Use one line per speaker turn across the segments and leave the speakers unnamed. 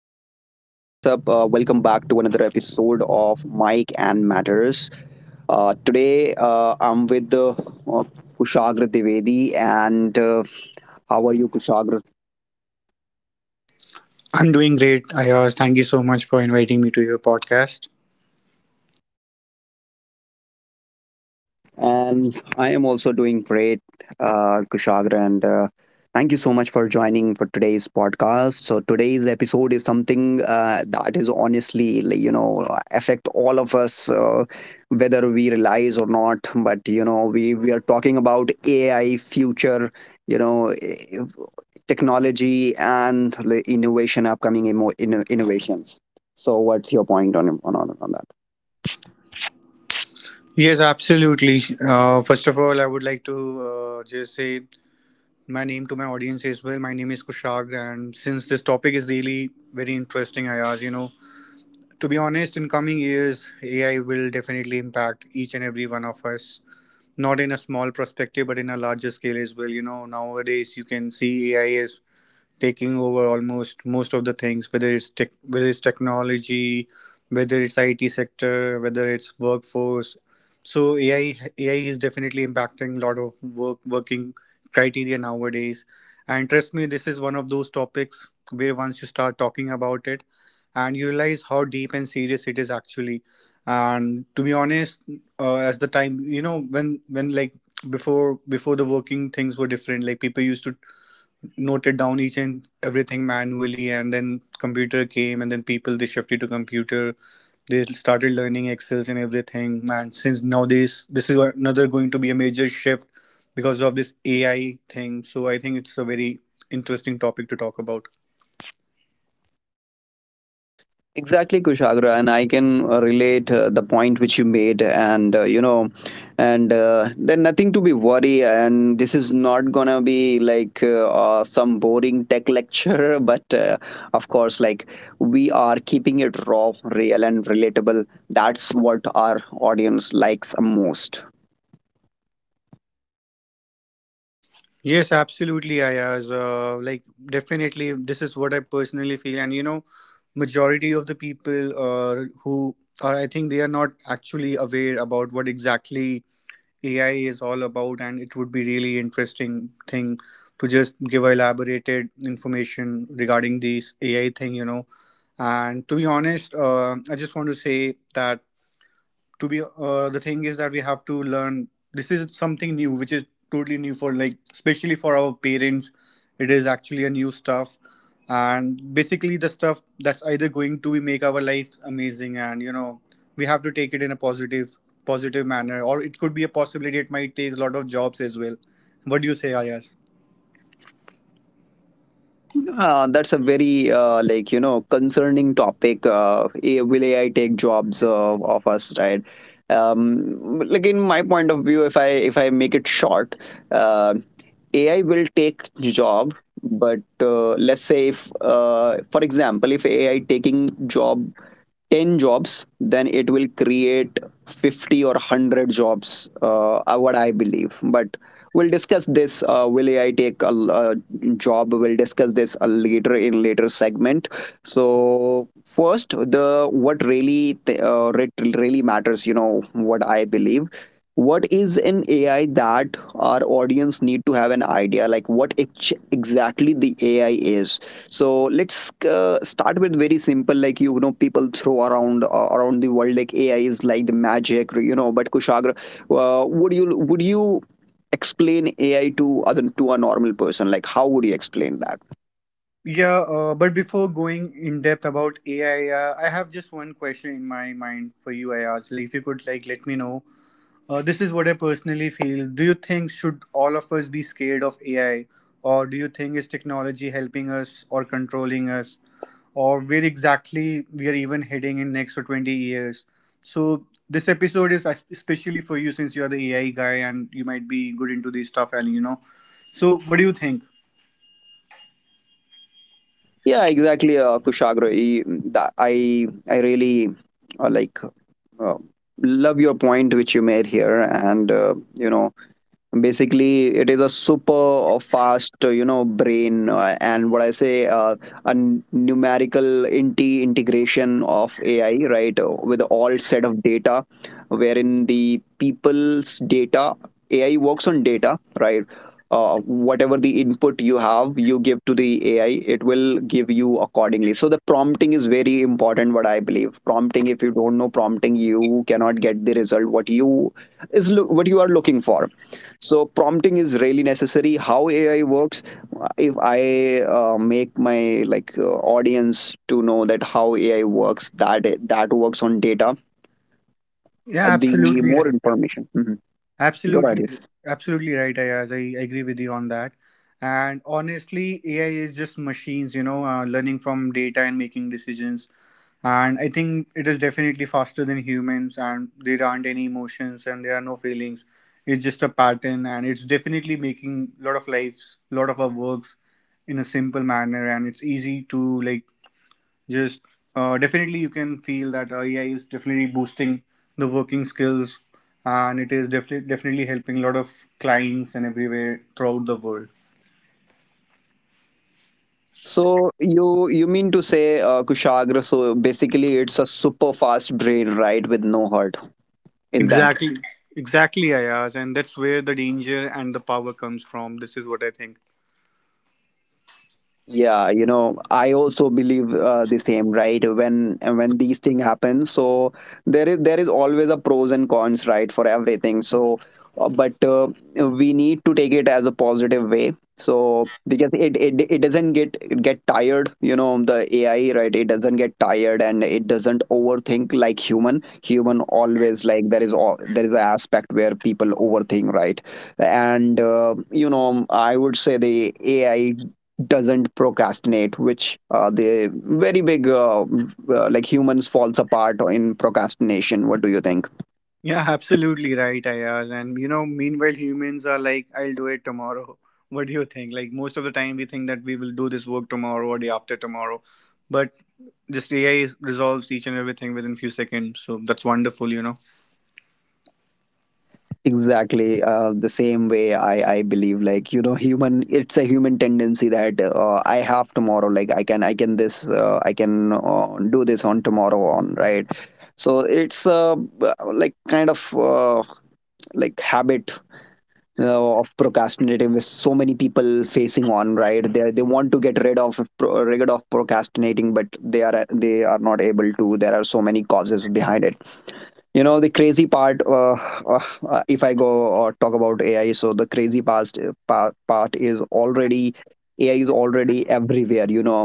Welcome back to another episode of Mike and Matters. Today I'm with Kushagra Divedi. And uh, how are you, Kushagra?
I'm doing great, Ayaz. Thank you so much for inviting me to your podcast.
And I am also doing great, Kushagra. And thank you so much for joining for today's podcast. So today's episode is something that is honestly, like, you know, affect all of us, whether we realize or not. But you know, we are talking about AI future, you know, technology and the innovation, upcoming innovations. So what's your point on that?
Yes, absolutely. First of all, I would like to just say my name to my audience as well. My name is Kushag, and since this topic is really very interesting, Ayaz, you know, to be honest, in coming years, AI will definitely impact each and every one of us, not in a small perspective, but in a larger scale as well. You know, nowadays you can see AI as taking over almost most of the things, whether it's tech, whether it's technology, whether it's IT sector, whether it's workforce. So AI is definitely impacting a lot of work working criteria nowadays, and trust me, this is one of those topics where once you start talking about it and you realize how deep and serious it is actually. And to be honest, as the time, you know, when like before the working things were different, like people used to noted down each and everything manually, and then computer came, and then people they shifted to computer. They started learning excels and everything, and since nowadays this is another going to be a major shift because of this AI thing, so I think it's a very interesting topic to talk about.
Exactly, Kushagra, and I can relate the point which you made, and you know, and then nothing to be worry, and this is not gonna be like some boring tech lecture, but of course, like we are keeping it raw, real, and relatable. That's what our audience likes most.
Yes, absolutely, Ayaz. Like, definitely this is what I personally feel, and you know, majority of the people, who are, I think they are not actually aware about what exactly AI is all about, and it would be really interesting thing to just give elaborated information regarding this AI thing, you know. And to be honest, I just want to say that to be the thing is that we have to learn. This is something new, which is totally new for like especially for our parents. It is actually a new stuff, and basically the stuff that's either going to make our lives amazing, and you know, we have to take it in a positive manner, or it could be a possibility it might take a lot of jobs as well. What do you say, Ayas?
That's a very like you know concerning topic. Will AI take jobs of us, right? Like in my point of view, if I make it short, uh, AI will take job, but let's say if for example, if AI taking job 10 jobs, then it will create 50 or 100 jobs, what I believe. But we'll discuss this. Will AI take a job? We'll discuss this a later in later segment. So first, the what really really matters, you know, what I believe, what is an AI that our audience need to have an idea, like what exactly the AI is. So let's start with very simple, like you know, people throw around the world, like AI is like the magic, you know. But Kushagra, uh, would you would you explain AI to other to a normal person? Like, how would you explain that?
Yeah, but before going in depth about AI, I have just one question in my mind for you. I asked, like, if you could, like, let me know. This is what I personally feel. Do you think should all of us be scared of AI, or do you think is technology helping us or controlling us, or where exactly we are even heading in next for 20 years? So this episode is especially for you since you are the AI guy and you might be good into this stuff, and you know. So what do you think?
Yeah, exactly, Kushagra. I really uh, like uh, love your point which you made here, and you know, basically it is a super fast you know brain, and what I say, a numerical inti integration of AI, right, with all set of data, wherein the people's data, AI works on data, right. Whatever the input you have, you give to the AI, it will give you accordingly. So the prompting is very important, what I believe. Prompting, if you don't know prompting, you cannot get the result what you is look what you are looking for. So prompting is really necessary, how AI works. If I make my like audience to know that how AI works, that works on data.
Yeah,
The
absolutely.
more information. Mhm. Go ahead. Yeah.
Absolutely, absolutely right, Ayaz. I agree with you on that. And honestly, AI is just machines, you know, learning from data and making decisions. And I think it is definitely faster than humans, and there aren't any emotions and there are no feelings. It's just a pattern, and it's definitely making a lot of lives, a lot of our works in a simple manner. And it's easy to like just definitely you can feel that AI is definitely boosting the working skills, and it is definitely helping a lot of clients and everywhere throughout the world.
So you mean to say Kushagra, so basically it's a super fast brain, right, with no heart. Is that...
Exactly, exactly, Ayaz, and that's where the danger and the power comes from. This is what I think.
Yeah, you know, I also believe the same, right? When these things happen, so there is always a pros and cons, right, for everything. So, but We need to take it as a positive way. So because it doesn't get tired, you know, the AI, right? It doesn't get tired and it doesn't overthink like human. Human always, like, there is an aspect where people overthink, right? And You know, I would say the AI doesn't procrastinate, which the very big like humans falls apart in procrastination. What do you think?
Yeah, absolutely right, Ayaz. And you know, meanwhile, humans are like, I'll do it tomorrow. What do you think? Like most of the time, we think that we will do this work tomorrow or day after tomorrow, but just resolves each and everything within few seconds. So that's wonderful, you know.
Exactly, the same way I believe, like, you know, human, it's a human tendency that I have tomorrow, like I can do this on tomorrow on, right. So it's, like kind of, like habit of procrastinating, with so many people facing on, right. They want to get rid of rid of procrastinating, but they are not able to. There are so many causes behind it. You know, the crazy part, if I go or talk about AI, so the crazy part is already... AI is already everywhere, you know.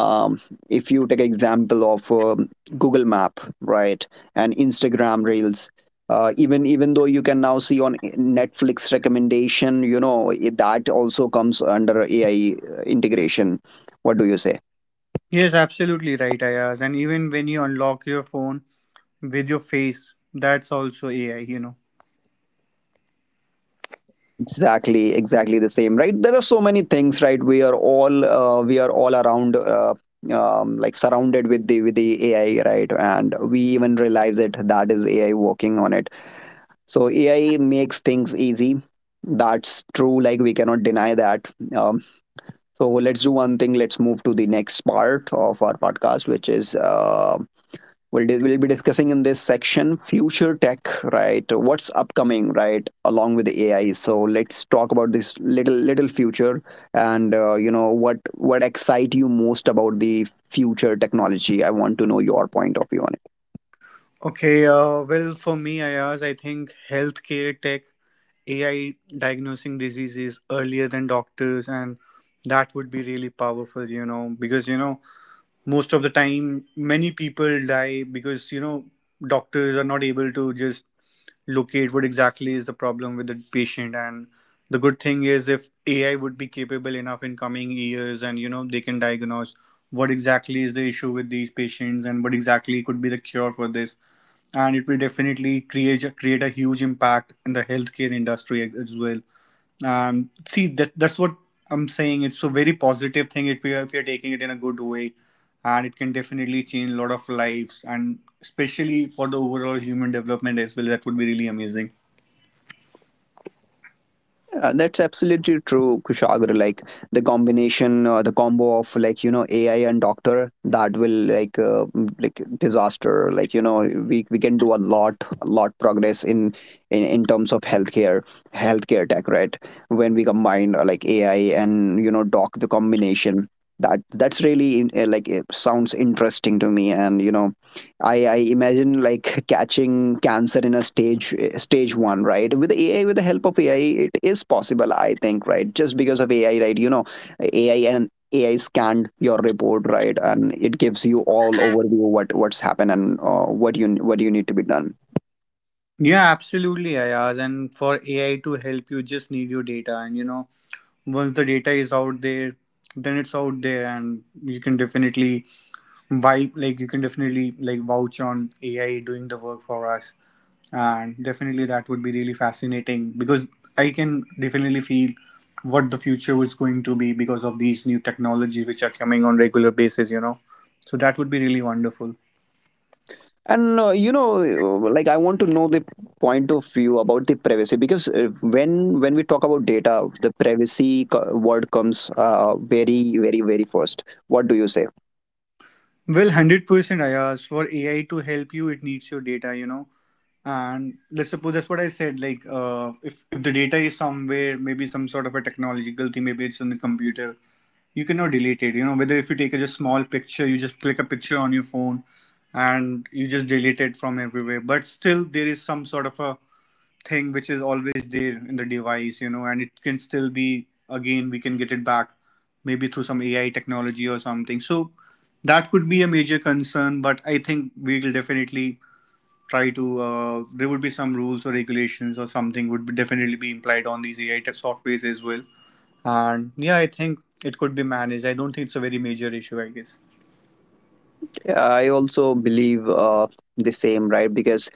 um, if you take example of Google Map, right, and Instagram Reels, even though you can now see on Netflix recommendation, you know, that also comes under AI integration. What do you say?
Yes, absolutely right, Ayaz. And even when you unlock your phone with your face, that's also AI, you know.
Exactly, exactly the same, right. There are so many things, right. We are all around, like surrounded with the AI, right, and we even realize it, that is AI working on it. So AI makes things easy, that's true, like we cannot deny that. So let's do one thing, let's move to the next part of our podcast, which is, we'll be discussing in this section future tech, right? What's upcoming, right? Along with the AI. So let's talk about this little future, and you know, what excites you most about the future technology. I want to know your point of view on.
Okay, well, for me, Ayaz, I think healthcare tech, AI diagnosing diseases earlier than doctors, and that would be really powerful, you know, because, you know, most of the time, many people die because, you know, doctors are not able to just locate what exactly is the problem with the patient. And the good thing is, if AI would be capable enough in coming years, and you know, they can diagnose what exactly is the issue with these patients and what exactly could be the cure for this, and it will definitely create a huge impact in the healthcare industry as well. See, that that's what I'm saying. It's a very positive thing if we are, if you're taking it in a good way, and it can definitely change a lot of lives, and especially for the overall human development as well. That would be really amazing.
Yeah, that's absolutely true, Kushagra. Like the combination, the combo of, like, you know, AI and doctor, that will like like disaster. Like you know, we can do a lot, a lot progress in in terms of healthcare tech, right? When we combine like AI and you know doc the combination, that's really in, like it sounds interesting to me, and you know, I imagine like catching cancer in a stage one, right? With AI, with the help of AI, it is possible, I think, right? Just because of AI, right? You know, AI scanned your report, right, and it gives you all overview, what's happened and what you need to be done.
Yeah, absolutely, Ayaz. And for AI to help you, just need your data. And you know, once the data is out there, then it's out there, and you can definitely, why, like, you can definitely like vouch on AI doing the work for us. And definitely that would be really fascinating, because I can definitely feel what the future is going to be because of these new technologies which are coming on regular basis, you know. So that would be really wonderful.
And You know, like, I want to know the point of view about the privacy, because when we talk about data, the privacy word comes very, very, very first. What do you say?
Well, 100%. I asked for AI to help you, it needs your data, you know. And let's suppose, that's what I said. Like, if the data is somewhere, maybe some sort of a technological thing, maybe it's on the computer, you cannot delete it, you know. Whether if you take a just small picture, you just click a picture on your phone, and you just delete it from everywhere, but still there is some sort of a thing which is always there in the device, you know, and it can still be, again, we can get it back maybe through some AI technology or something. So that could be a major concern, but I think we will definitely try to, there would be some rules or regulations or something would be definitely be implied on these AI softwares as well. And yeah, I think it could be managed. I don't think it's a very major issue, I guess.
Yeah, I also believe the same, right? Because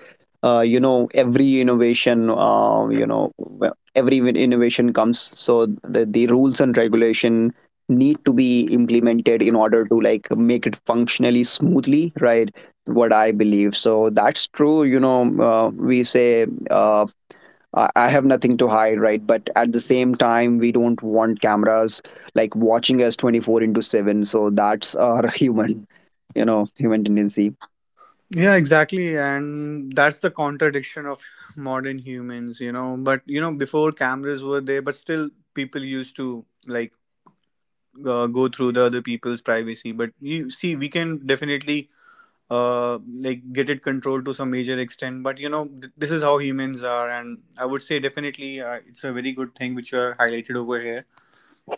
you know, every innovation, you know, well, every innovation comes, so the rules and regulation need to be implemented in order to, like, make it functionally smoothly, right? What I believe. So that's true. You know, we say I have nothing to hide, right? But at the same time, we don't want cameras like watching us 24 into 7. So that's our human, you know, human tendency.
Yeah, exactly. And that's the contradiction of modern humans, you know. But, you know, before cameras were there, but still people used to like go through the other people's privacy. But you see, we can definitely like get it controlled to some major extent. But, you know, this is how humans are. And I would say definitely it's a very good thing which you are highlighted over here.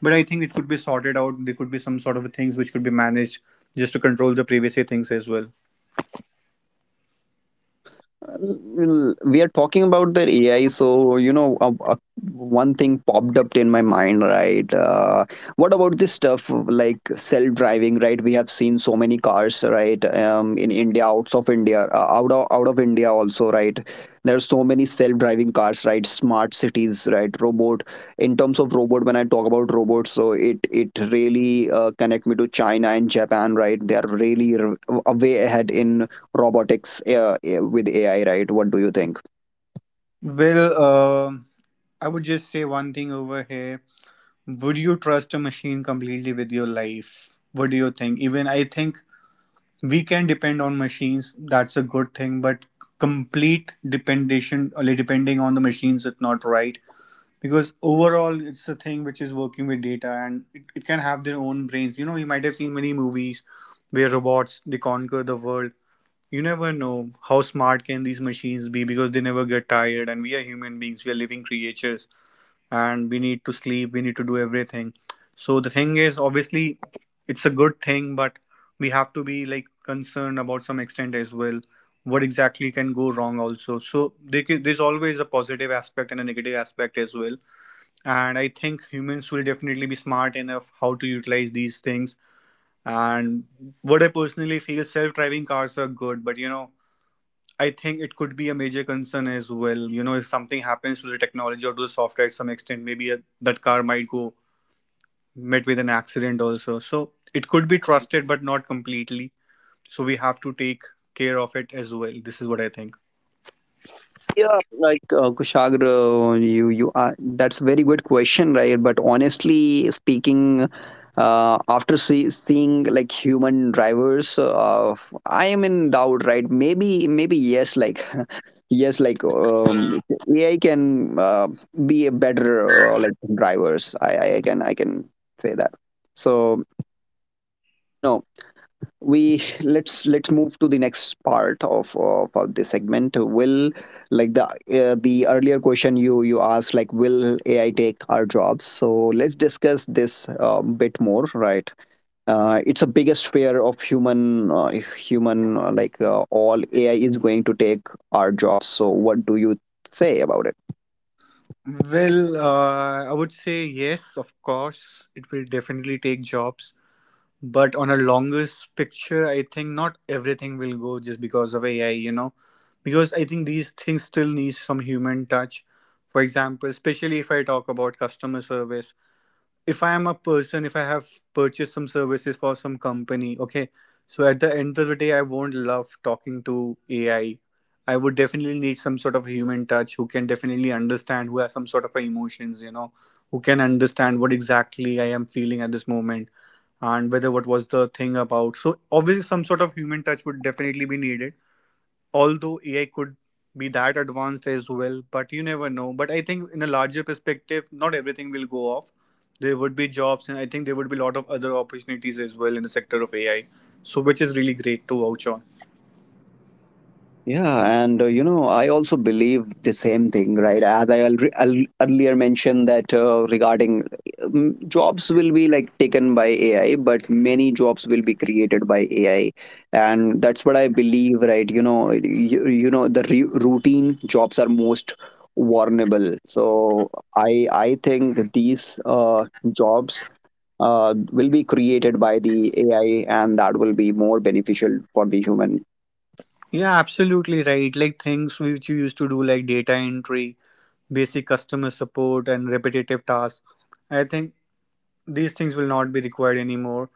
But I think it could be sorted out. There could be some sort of things which could be managed just to control the privacy things as well.
Well, we are talking about the AI, so you know, one thing popped up in my mind, right? What about this stuff like self-driving, right? We have seen so many cars, right? In India, outs of India, out of India also, right? There are so many self-driving cars, right? Smart cities, right? Robot. In terms of robot, when I talk about robots, so it really connect me to China and Japan, right? They are really way ahead in robotics, with AI, right? What do you think?
Well, I would just say one thing over here. Would you trust a machine completely with your life? What do you think? Even I think we can depend on machines. That's a good thing, but complete dependation or depending on the machines is not right, because overall it's a thing which is working with data, and it can have their own brains. You know, you might have seen many movies where robots they conquer the world. You never know how smart can these machines be, because they never get tired, and we are human beings, we are living creatures, and we need to sleep, we need to do everything. So the thing is obviously it's a good thing, but we have to be like concerned about some extent as well, what exactly can go wrong also. So there's always a positive aspect and a negative aspect as well. And I think humans will definitely be smart enough how to utilize these things. And what I personally feel, self-driving cars are good, but you know, I think it could be a major concern as well. You know, if something happens to the technology or to the software at some extent, maybe that car might go met with an accident also. So it could be trusted, but not completely. So we have to take care of it as well. This is what I think.
Yeah, like Kushagra, you are that's a very good question, right? But honestly speaking, after seeing like human drivers, I am in doubt, right? Maybe, yes, like yes, like AI can be a better like drivers. I can say that. So you know, we let's move to the next part of this segment, will, like, the earlier question you asked, like, will AI take our jobs? So let's discuss this a bit more, right. It's a biggest fear of human, all AI is going to take our jobs. So what do you say about it?
Well, I would say yes, of course, it will definitely take jobs. But on a longest picture, I think not everything will go just because of AI, you know, because I think these things still need some human touch. For example, especially if I talk about customer service, if I am a person, if I have purchased some services for some company, okay, so at the end of the day I won't love talking to AI. I would definitely need some sort of human touch, who can definitely understand, who has some sort of emotions, who can understand what exactly I am feeling at this moment and whether what was the thing about. So obviously some sort of human touch would definitely be needed, although AI could be that advanced as well, but you never know. But I think in a larger perspective, not everything will go off. There would be jobs, and I think there would be a lot of other opportunities as well in the sector of AI. So, which is really great to vouch on.
Yeah, and you know, I also believe the same thing, right? As I earlier mentioned that, regarding, jobs will be like taken by AI, but many jobs will be created by AI, and that's what I believe, right? You know, you know, the routine jobs are most vulnerable, so I think these jobs. Will be created by the AI, and that will be more beneficial for the human.
Yeah, absolutely right. Like things which you used to do, like data entry, basic customer support, and repetitive tasks. I think these things will not be required anymore.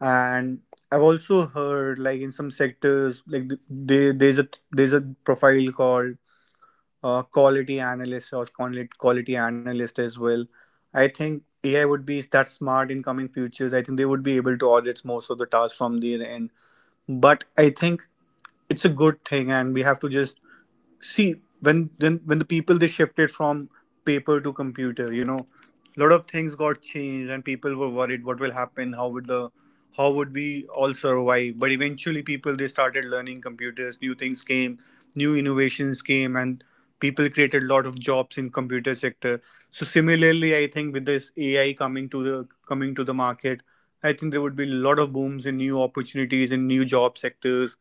And I've also heard, like in some sectors, like they, there's a profile called quality analysts or quality analyst as well. I think AI would be that smart in coming futures. I think they would be able to audit most of the tasks from their end. But I think it's a good thing, and we have to just see when when the people they shifted from paper to computer, you know, a lot of things got changed and people were worried what will happen, how would we all survive. But eventually people, they started learning computers, new things came, new innovations came, and people created a lot of jobs in computer sector. So similarly I think with this AI coming to the market, I think there would be a lot of booms in new opportunities in new job sectors.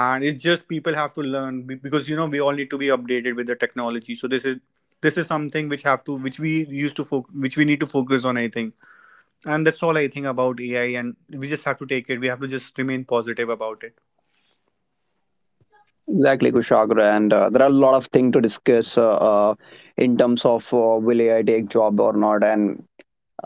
And it's just people have to learn, because you know we all need to be updated with the technology. So this is, this is something which have to which we used to which we need to focus on, I think. And that's all I think about AI, and we just have to take it, we have to just remain positive about it.
Exactly, Kushagra, and there are a lot of things to discuss in terms of, will AI take job or not, and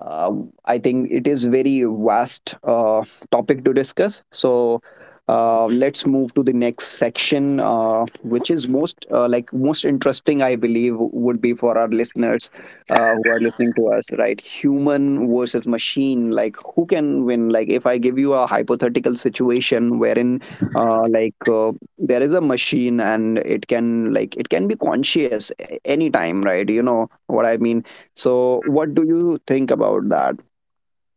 I think it is very vast topic to discuss. So let's move to the next section, which is most like most interesting, I believe, would be for our listeners who are listening to us, right? Human versus machine, like who can win? Like if I give you a hypothetical situation wherein uh, like uh, there is a machine and it can, like, it can be conscious anytime, right? You know what I mean? So, what do you think about that?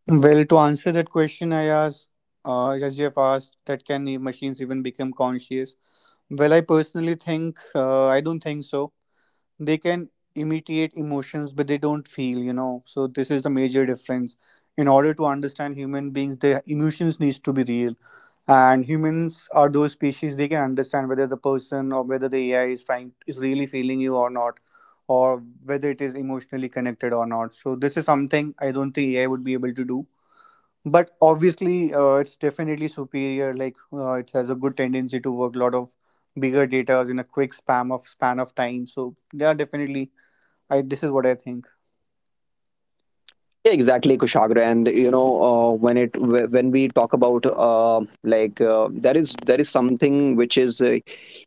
Well, to answer that question, I asked, as you have asked, that can machines even become conscious? Well, I personally think, I don't think so. They can imitate emotions but they don't feel, you know, so this is the major difference. In order to understand human beings, their emotions needs to be real, and humans are those species, they can understand whether the person or whether the AI is trying, is really feeling you or not, or whether it is emotionally connected or not. So this is something I don't think AI would be able to do. But obviously it's definitely superior, like it has a good tendency to work a lot of bigger data in a quick spam of span of time, so they are definitely, I this is what I think.
Yeah, exactly, Kushagra. And you know, when we talk about there is something which is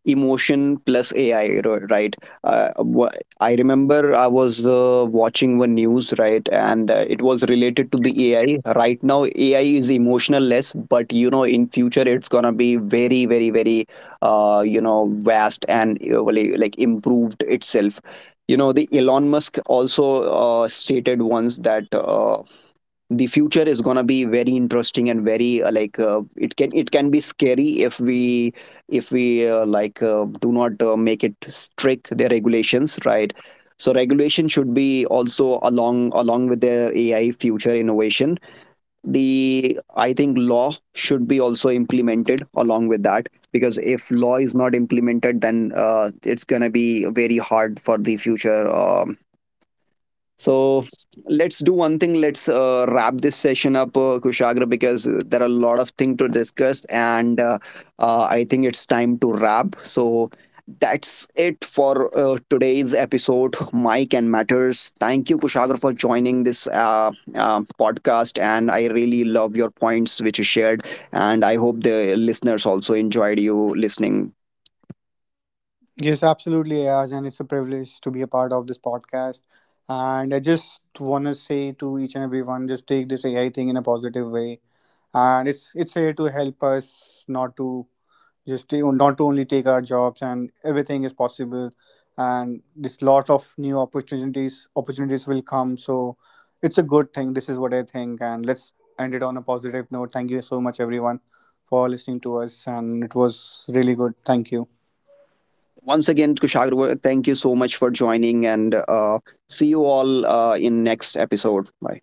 emotion plus AI, right? Uh, wha- I remember I was watching one news, right, and it was related to the AI. Right now, AI is emotional less, but you know, in future, it's gonna be very, very, very, you know, vast and like improved itself. You know, the Elon Musk also stated once that the future is going to be very interesting and very like it can be scary if we like do not make it strict their regulations, right. So regulation should be also along with their AI future innovation. The I think law should be also implemented along with that, because if law is not implemented, then it's going to be very hard for the future. So let's do one thing. Let's wrap this session up, Kushagra, because there are a lot of things to discuss, and I think it's time to wrap. So that's it for today's episode, Mike and Matters. Thank you, Kushagra, for joining this podcast, and I really love your points which you shared, and I hope the listeners also enjoyed you listening.
Yes, absolutely, Ayaz, and it's a privilege to be a part of this podcast. And I just want to say to each and everyone, just take this AI thing in a positive way, and it's here to help us, not to just to, not to only take our jobs, and everything is possible, and this lot of new opportunities will come. So it's a good thing, this is what I think, and let's end it on a positive note. Thank you so much everyone for listening to us, and it was really good. Thank you.
Once again, Kushagra, thank you so much for joining, and see you all in next episode. Bye.